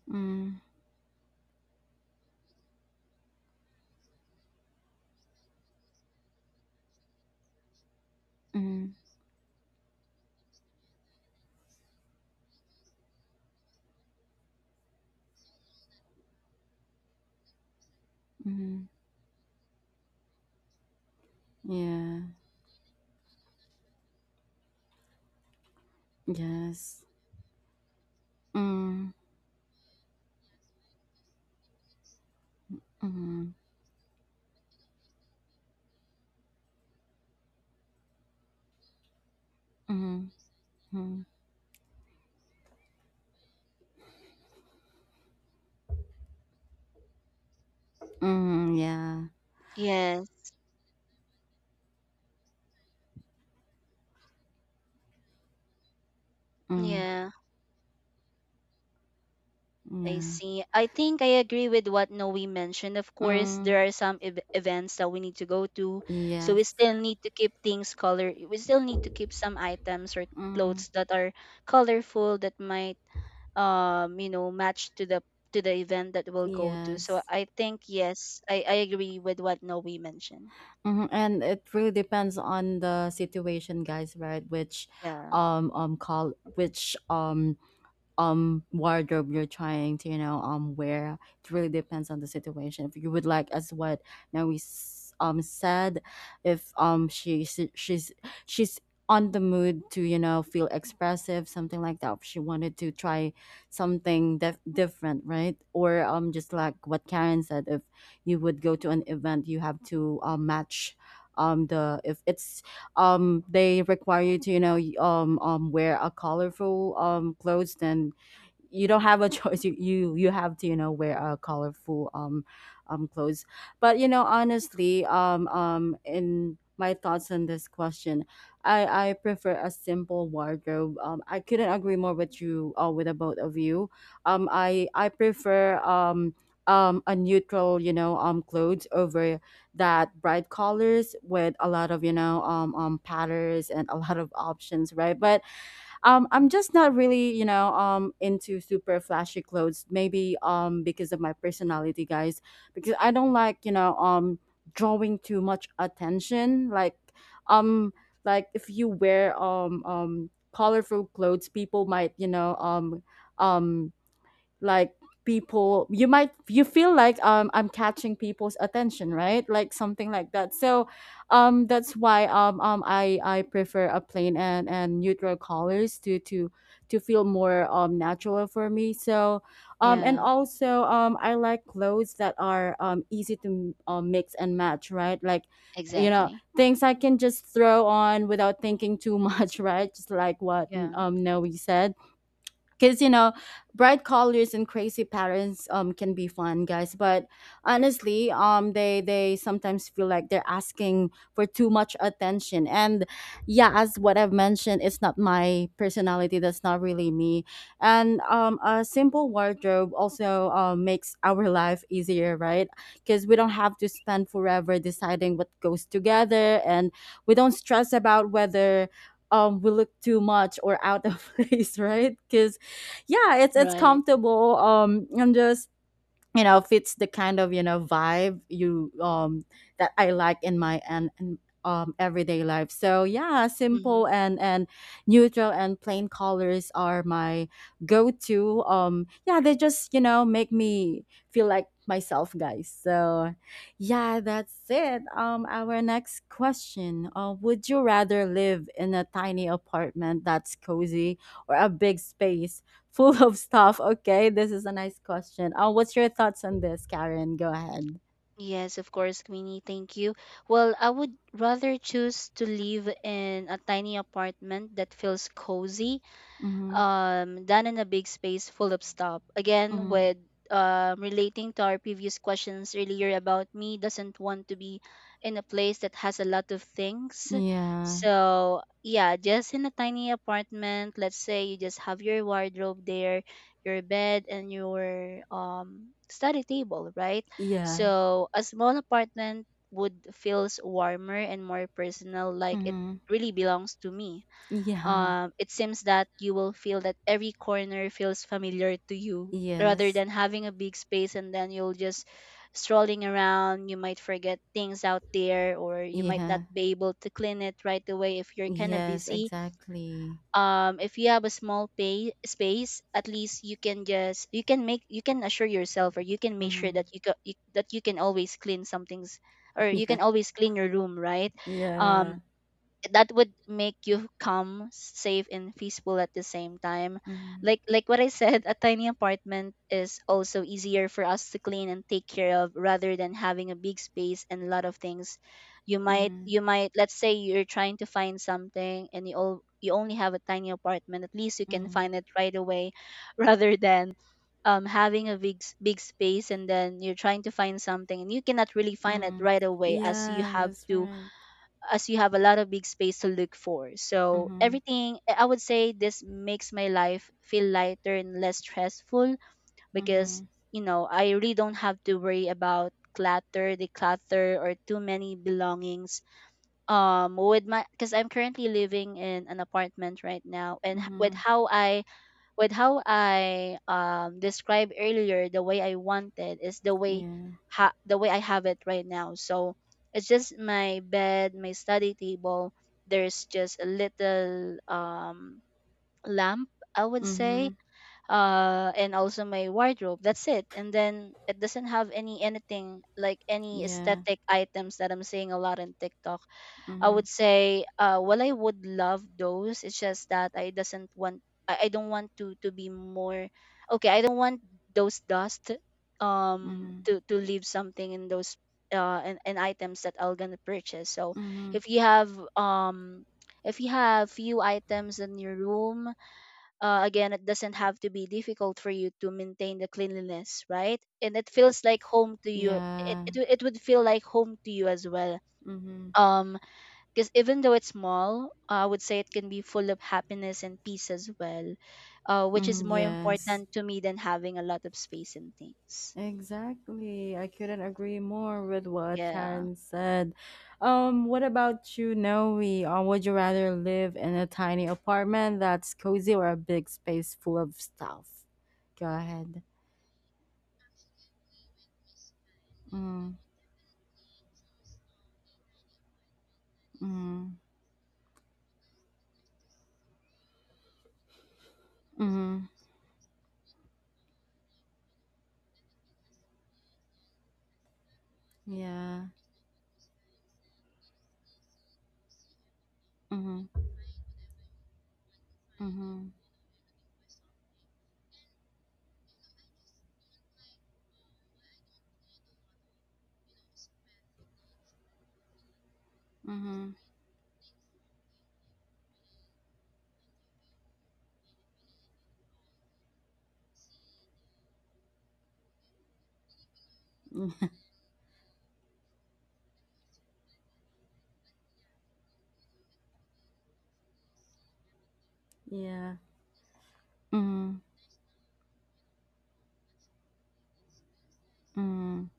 mm, mm, mm. Yeah. Yes. Mm, mm, mm, mm, mm, yeah.
Yes.
Mm,
Yeah. I
yeah.
see. I think I agree with what Noe mentioned. Of course,
Mm,
there are some events that we need to go to, so
yes.
we still need to keep things color. We still need to keep some items or
Mm,
clothes that are colorful that might match to the event that we'll go to. So
yes.
I think yes, I agree with what Noe mentioned.
Mhm. And it really depends on the situation, guys, right? Which
Yeah.
call, which wardrobe you're trying to, you know, wear. It really depends on the situation. If you would like, as what now we said, if she she's on the mood to, you know, feel expressive, something like that. If she wanted to try something different, right, or just like what Karen said, if you would go to an event, you have to match the, if it's they require you to, you know, wear a colorful clothes, then you don't have a choice. You have to, you know, wear a colorful clothes. But you know, honestly, in my thoughts on this question, I prefer a simple wardrobe. I couldn't agree more with you, with the both of you. I prefer a neutral, you know, clothes over that bright colors with a lot of, you know, patterns and a lot of options, right? But I'm just not really, you know, into super flashy clothes, maybe because of my personality, guys, because I don't like, you know, drawing too much attention. Like um like if you wear colorful clothes, people might, you know, um like people, you might, you feel like I'm catching people's attention, right? Like something like that. So that's why I prefer a plain and neutral colors to to feel more natural for me. So and
Yeah.
also I like clothes that are easy to mix and match, right? Like, you know,
Exactly.
things I can just throw on without thinking too much, right? Just like what
Yeah.
Noe said, because you know, bright colors and crazy patterns can be fun, guys, but honestly, they sometimes feel like they're asking for too much attention, and yeah, as what I've mentioned, it's not my personality, that's not really me. And a simple wardrobe also makes our life easier, right, because we don't have to spend forever deciding what goes together, and we don't stress about whether we look too much or out of place, right? Because yeah, it's
Right.
comfortable and just, you know, fits the kind of, you know, vibe you um, that I like in my and um, everyday life. So yeah,
Mm-hmm.
simple and neutral and plain colors are my go-to. Yeah, they just, you know, make me feel like myself, guys. So yeah, that's it. Our next question: would you rather live in a tiny apartment that's cozy or a big space full of stuff? Okay, this is a nice question. What's your thoughts on this, Karen? Go ahead.
Yes, of course, Queenie. Thank you. Well, I would rather choose to live in a tiny apartment that feels cozy
Mm-hmm.
done in a big space full of stuff. Again,
Mm-hmm.
with relating to our previous questions earlier about me doesn't want to be in a place that has a lot of things.
Yeah.
So yeah, just in a tiny apartment, let's say you just have your wardrobe there, your bed, and your study table, right?
Yeah.
So a small apartment would feels warmer and more personal, like it
Mm-hmm.
really belongs to me.
Yeah.
It seems that you will feel that every corner feels familiar to you rather
Yes.
than having a big space and then you'll just strolling around. You might forget things out there, or you might not
Yeah.
be able to clean it right away if you're kind of
Yes,
busy.
exactly.
If you have a small pay space, at least you can just you can make you can assure yourself, or you can make sure
Mm-hmm.
that you, ca- you that you can always clean some things, or you
Yeah.
can always clean your room, right?
Yeah.
um that would make you calm, safe, and peaceful at the same time.
Mm-hmm.
Like what I said, a tiny apartment is also easier for us to clean and take care of rather than having a big space and a lot of things. You might
Mm-hmm.
you might let's say you're trying to find something and you only have a tiny apartment. At least you can
Mm-hmm.
find it right away, rather than having a big space and then you're trying to find something and you cannot really find it
Mm-hmm.
right away as you
Yeah,
have
that's
to
right.
as you have a lot of big space to look for. So
Mm-hmm.
everything, I would say, this makes my life feel lighter and less stressful, because
Mm-hmm.
you know I really don't have to worry about clutter, declutter, or too many belongings with my because I'm currently living in an apartment right now, and with
Mm-hmm.
how I described earlier, the way I wanted is the way
Yeah.
the way I have it right now. So it's just my bed, my study table, there's just a little lamp, I would say,
Mhm.
and also my wardrobe, that's it. And then it doesn't have anything like any
Yeah.
aesthetic items that I'm seeing a lot in TikTok. I
Mm-hmm.
would say, well, I would love those. It's just that I doesn't want. I don't want to be more. Okay, I don't want those dust.
Mm-hmm.
To leave something in those and, items that I'll gonna purchase. So
Mm-hmm.
if you have um if you have few items in your room, again, it doesn't have to be difficult for you to maintain the cleanliness, right? And it feels like home to you. It,
Yeah.
it, w- it would feel like home to you as well.
Mm-hmm.
Um, because even though it's small, I would say it can be full of happiness and peace as well, which is
Mm,
more
yes,
important to me than having a lot of space and things.
exactly. I couldn't agree more with what
Yeah.
Karen said. What about you, Noe? Or would you rather live in a tiny apartment that's cozy or a big space full of stuff? Go ahead. Mm, mm, mm, yeah. Mm, mm, mm, yeah. Mm, mm,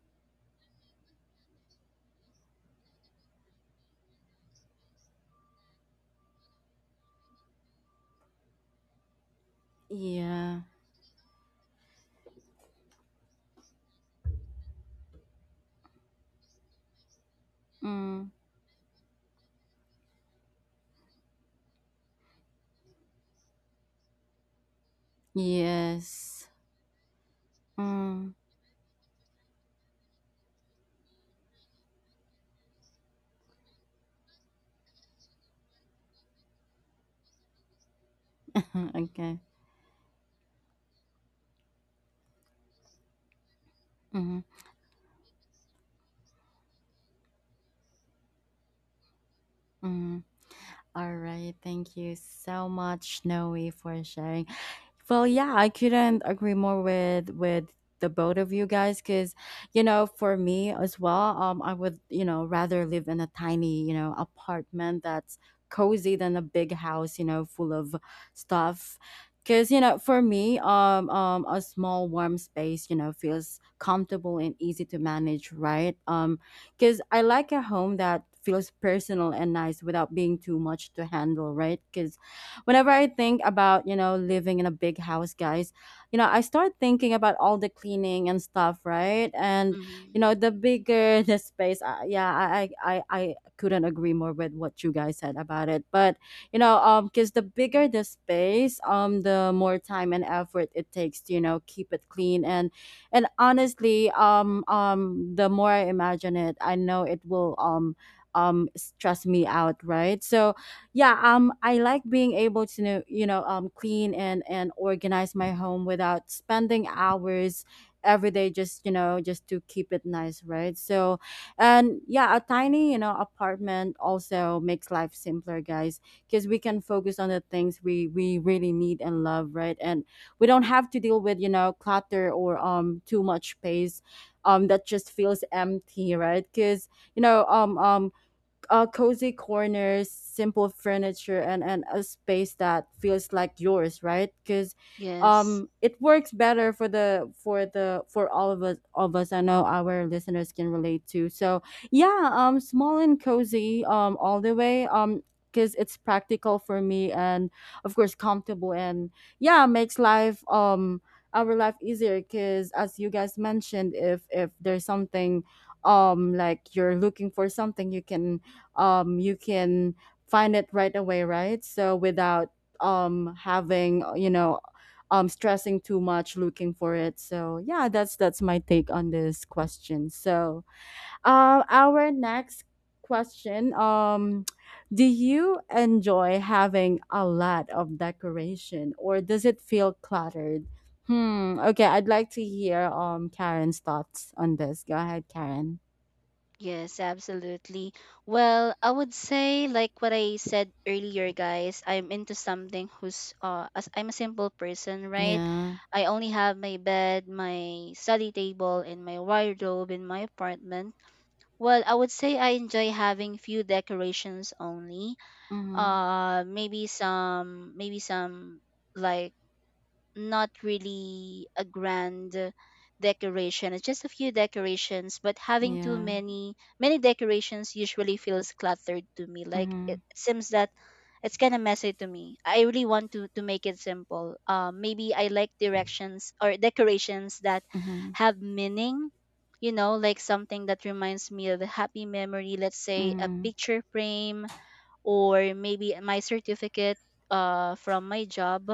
yeah. Mm, yes. Mm, okay. Mm, mm. All right. Thank you so much, Noe, for sharing. Well, yeah, I couldn't agree more with the both of you guys because, for me as well, I would, rather live in a tiny, apartment that's cozy than a big house, full of stuff. Cause for me, a small warm space, feels comfortable and easy to manage, right? Because I like a home that feels personal and nice without being too much to handle, right? Because whenever I think about, living in a big house, guys, I start thinking about all the cleaning and stuff, right? And,
Hmm.
the bigger the space, yeah, I couldn't agree more with what you guys said about it. But, because the bigger the space, the more time and effort it takes to, keep it clean and honestly the more I imagine it I know it will stress me out, right? So yeah, I like being able to know you know clean and organize my home without spending hours every day just just to keep it nice, right? So and yeah, a tiny apartment also makes life simpler, guys, because we can focus on the things we really need and love, right? And we don't have to deal with clutter or too much space that just feels empty, right? Because you know um um cozy corners, simple furniture, and, a space that feels like yours, right? Because
Yes.
it works better for the for all of us. I know our listeners can relate to. So yeah, small and cozy, all the way, because it's practical for me and of course comfortable and yeah, makes life our life easier. Because as you guys mentioned, if there's something like you're looking for something you can find it right away, right? So without having stressing too much looking for it. So yeah, that's my take on this question. So our next question, do you enjoy having a lot of decoration or does it feel cluttered? Hmm, okay, I'd like to hear Karen's thoughts on this. Go ahead, Karen.
Yes, absolutely. Well, I would say like what I said earlier, guys. I'm into something who's as I'm a simple person, right?
Yeah.
I only have my bed, my study table, and my wardrobe in my apartment. Well, I would say I enjoy having few decorations only.
Mm-hmm.
Maybe some like not really a grand decoration, it's just a few decorations. But having too
Yeah.
many many decorations usually feels cluttered to me, like
Mm-hmm.
it seems that it's kind of messy to me. I really want to make it simple. Maybe I like directions or decorations that
Mhm.
have meaning, you know, like something that reminds me of a happy memory, let's say a
Mm.
picture frame or maybe my certificate from my job.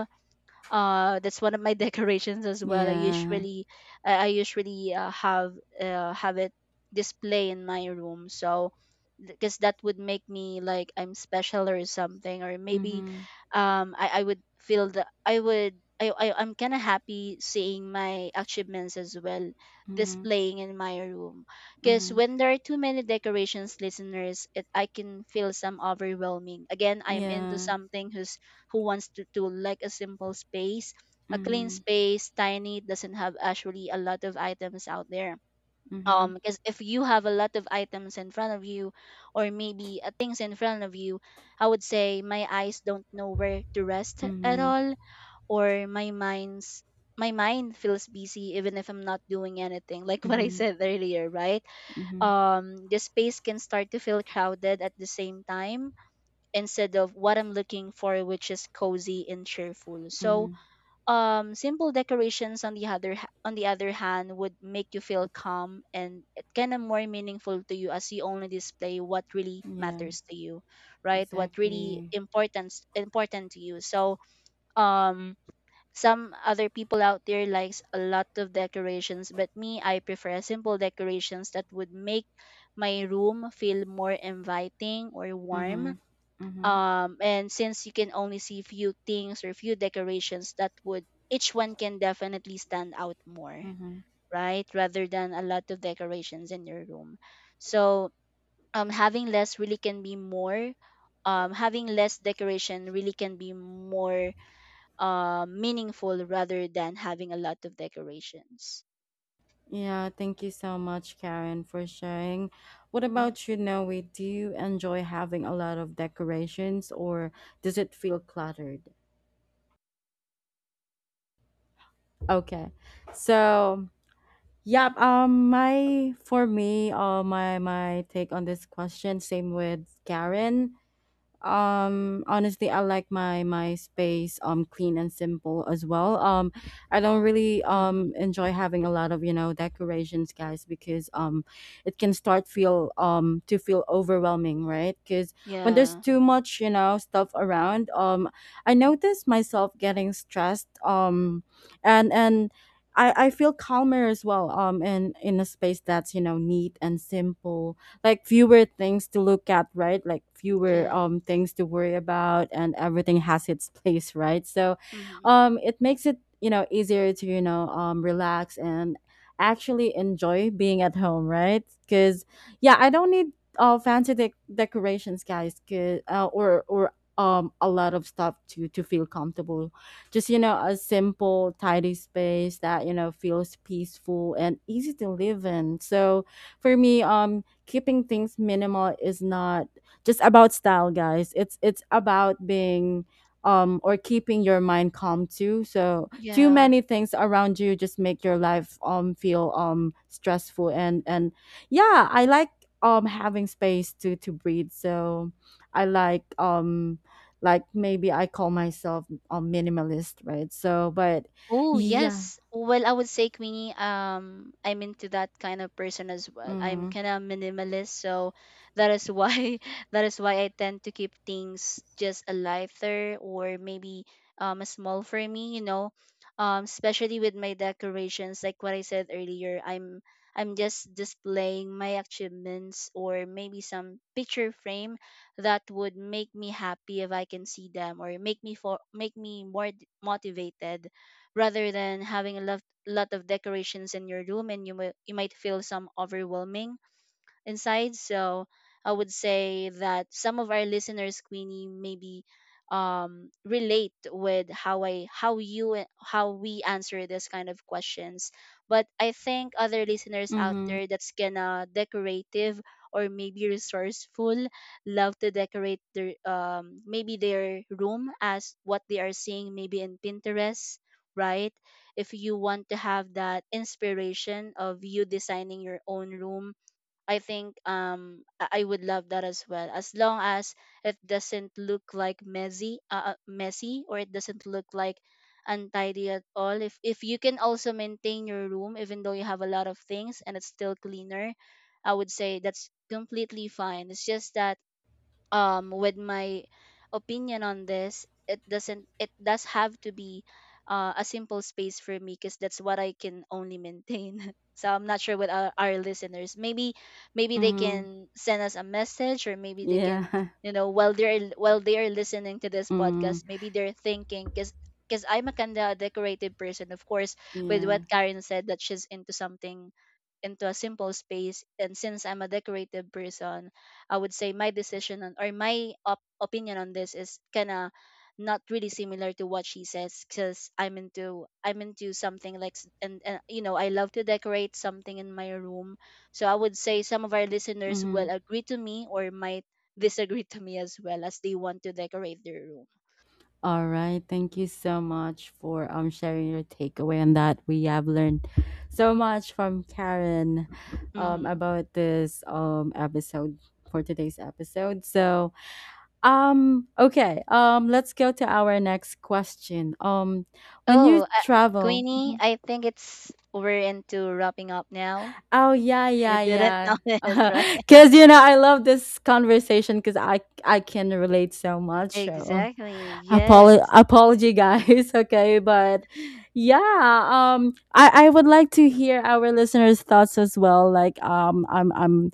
That's one of my decorations as well.
Yeah.
I usually have it display in my room. So because that would make me like I'm special or something, or maybe
Mhm.
I would feel that I would I I'm kind of happy seeing my achievements as well
Mhm.
displaying in my room. Because
Mhm.
when there are too many decorations, listeners, it I can feel some overwhelming. Again, I'm into
Yeah.
something who's who wants to like a simple space, a clean
Mhm.
space, tiny, doesn't have actually a lot of items out there.
Mhm.
Because if you have a lot of items in front of you, or maybe things in front of you, I would say my eyes don't know where to rest at
Mhm.
all, or my mind feels busy even if I'm not doing anything. Like what I
Mhm.
said earlier, right?
Mhm.
The space can start to feel crowded at the same time instead of what I'm looking for, which is cozy and cheerful. So,
Mhm.
simple decorations on the other hand would make you feel calm and it kind of more meaningful to you, as you only display what really
Yeah.
matters to you, right? What really
Exactly.
important to you. So, um, some other people out there likes a lot of decorations, but me, I prefer simple decorations that would make my room feel more inviting or warm.
Mhm. Mhm.
And since you can only see few things or few decorations, that would each one can definitely stand out more,
Mhm.
right, rather than a lot of decorations in your room. So having less really can be more. Having less decoration really can be more, meaningful, rather than having a lot of decorations.
Yeah. Thank you so much, Karen, for sharing. What
Mm-hmm.
about you, Noe? Do you enjoy having a lot of decorations, or does it feel cluttered? Okay. So yeah, my for me, my take on this question, same with Karen. Honestly, I like my space clean and simple as well. I don't really
Mm-hmm.
enjoy having a lot of decorations, guys, because it can start feel to feel overwhelming, right? Because when there's
Yeah.
too much stuff around, I notice myself getting stressed, and I feel calmer as well in a space that's neat and simple, like fewer things to look at, right? Like fewer
Yes.
things to worry about and everything has its place, right? So
Mm-hmm.
it makes it, easier to, relax and actually enjoy being at home, right? Cuz yeah, I don't need fancy decorations, guys, 'cause- or a lot of stuff to feel comfortable, just a simple tidy space that feels peaceful and easy to live in. So for me, keeping things minimal is not just about style, guys, it's about being or keeping your mind calm too. So too
Yeah.
many things around you just make your life feel stressful, and yeah, I like having space to breathe. So I like maybe I call myself minimalist, right? So but
Oh,
yeah.
yes. Well, I would say Queenie, I'm into that kind of person as well. I'm
Hmm.
kind of minimalist, so that is why that is why I tend to keep things just a lighter, or maybe a small for me, you know. Especially with my decorations, like what I said earlier, I'm just displaying my achievements or maybe some picture frame that would make me happy if I can see them, or make me for make me more motivated, rather than having a lot of decorations in your room, and you might feel some overwhelming inside. So I would say that some of our listeners, Queenie, maybe relate with how how we answer this kind of questions. But I think other listeners out
Hmm.
there that's gonna decorative or maybe resourceful love to decorate their maybe their room as what they are seeing maybe in Pinterest, right? If you want to have that inspiration of you designing your own room, I think I would love that as well, as long as it doesn't look like messy, messy, or it doesn't look like untidy at all. If you can also maintain your room even though you have a lot of things and it's still cleaner, I would say that's completely fine. It's just that with my opinion on this, it doesn't it does have to be a simple space for me, because that's what I can only maintain. So I'm not sure what our listeners, maybe they
Hmm.
can send us a message, or maybe they can,
Yeah.
you know, while they're while they are listening to this
Mm.
podcast, maybe they're thinking, because I'm a kind of decorated person. Of course, with
Yeah.
what Karen said that she's into something into a simple space, and since I'm a decorative person, I would say my decision on or my opinion on this is kind of not really similar to what she says, because I'm into something like s- and you know I love to decorate something in my room. So I would say some of our listeners will
Hmm.
agree to me or might disagree to me as well, as they want to decorate their room.
All right. Thank you so much for sharing your takeaway on that. We have learned so much from Karen
Mm-hmm.
about this episode, for today's episode. So, okay, let's go to our next question. When
Oh,
you travel,
Queenie,
mm-hmm.
I think it's we're into wrapping up now.
Oh yeah,
You
yeah,
didn't
yeah.
notice, right?
Because you know, I love this conversation because I can relate so much. So
Exactly. Yes.
apology, guys. Okay, but yeah, I would like to hear our listeners' thoughts as well. Like, I'm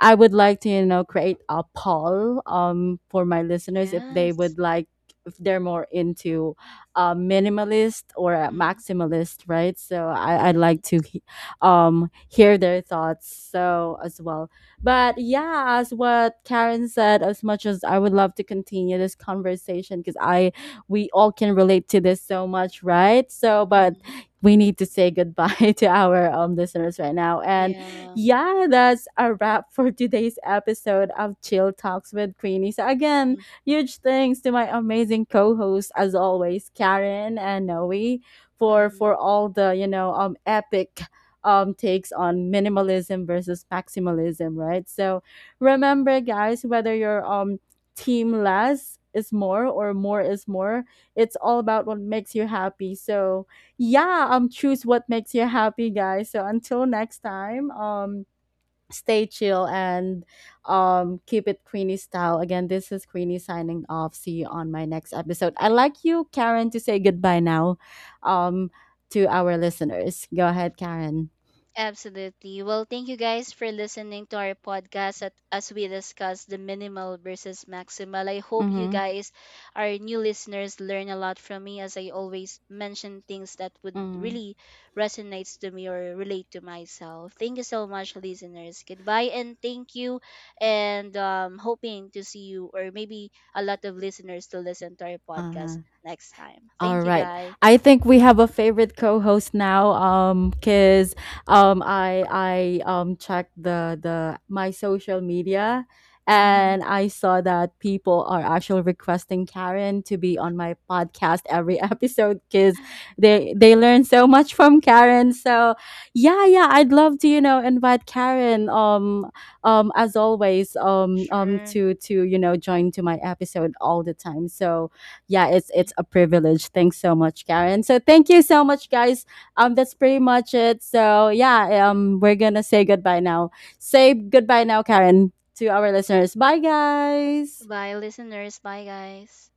I would like to create a poll for my listeners, if they
Yes.
would like, if they're more into minimalist or a
Mhm.
maximalist, right? So I'd like
Yes.
to hear their thoughts so as well. But yeah, as what Karen said, as much as I would love to continue this conversation because I we all can relate to this so much, right? So but
Mm-hmm.
we need to say goodbye to our listeners right now. And
Yeah.
yeah, that's a wrap for today's episode of Chill Talks with Queenie. So again, huge thanks to my amazing co-hosts as always, Karen and Noe, for
Mm-hmm.
all the epic takes on minimalism versus maximalism, right? So remember, guys, whether your team less is more or more is more, it's all about what makes you happy. So yeah, choose what makes you happy, guys. So until next time, stay chill and keep it Queenie style. Again, this is Queenie signing off. See you on my next episode. I like you, Karen, to say goodbye now um to our listeners. Go ahead, Karen.
Absolutely. Well, thank you guys for listening to our podcast, as we discuss the minimal versus maximal. I hope you
Mhm,
guys, our new listeners, learn a lot from me as I always mention things that would
mhm.
really resonates to me or relate to myself. Thank you so much, listeners. Goodbye and thank you. And hoping to see you or maybe a lot of listeners to listen to our podcast
Ah,
next time.
all
Thank you
right.
guys.
I think we have a favorite co-host now, cuz I checked the my social media,
Mhm.
and I saw that people are actually requesting Karen to be on my podcast every episode, cuz they learn so much from Karen. So, yeah, yeah, I'd love to, invite Karen as always
Sure.
to you know join to my episode all the time. So, yeah,
Yeah.
it's a privilege. Thanks so much, Karen. So thank you so much, guys. That's pretty much it. So yeah, we're gonna say goodbye now. Say goodbye now, Karen, to our listeners. Bye, guys.
Bye, listeners. Bye, guys.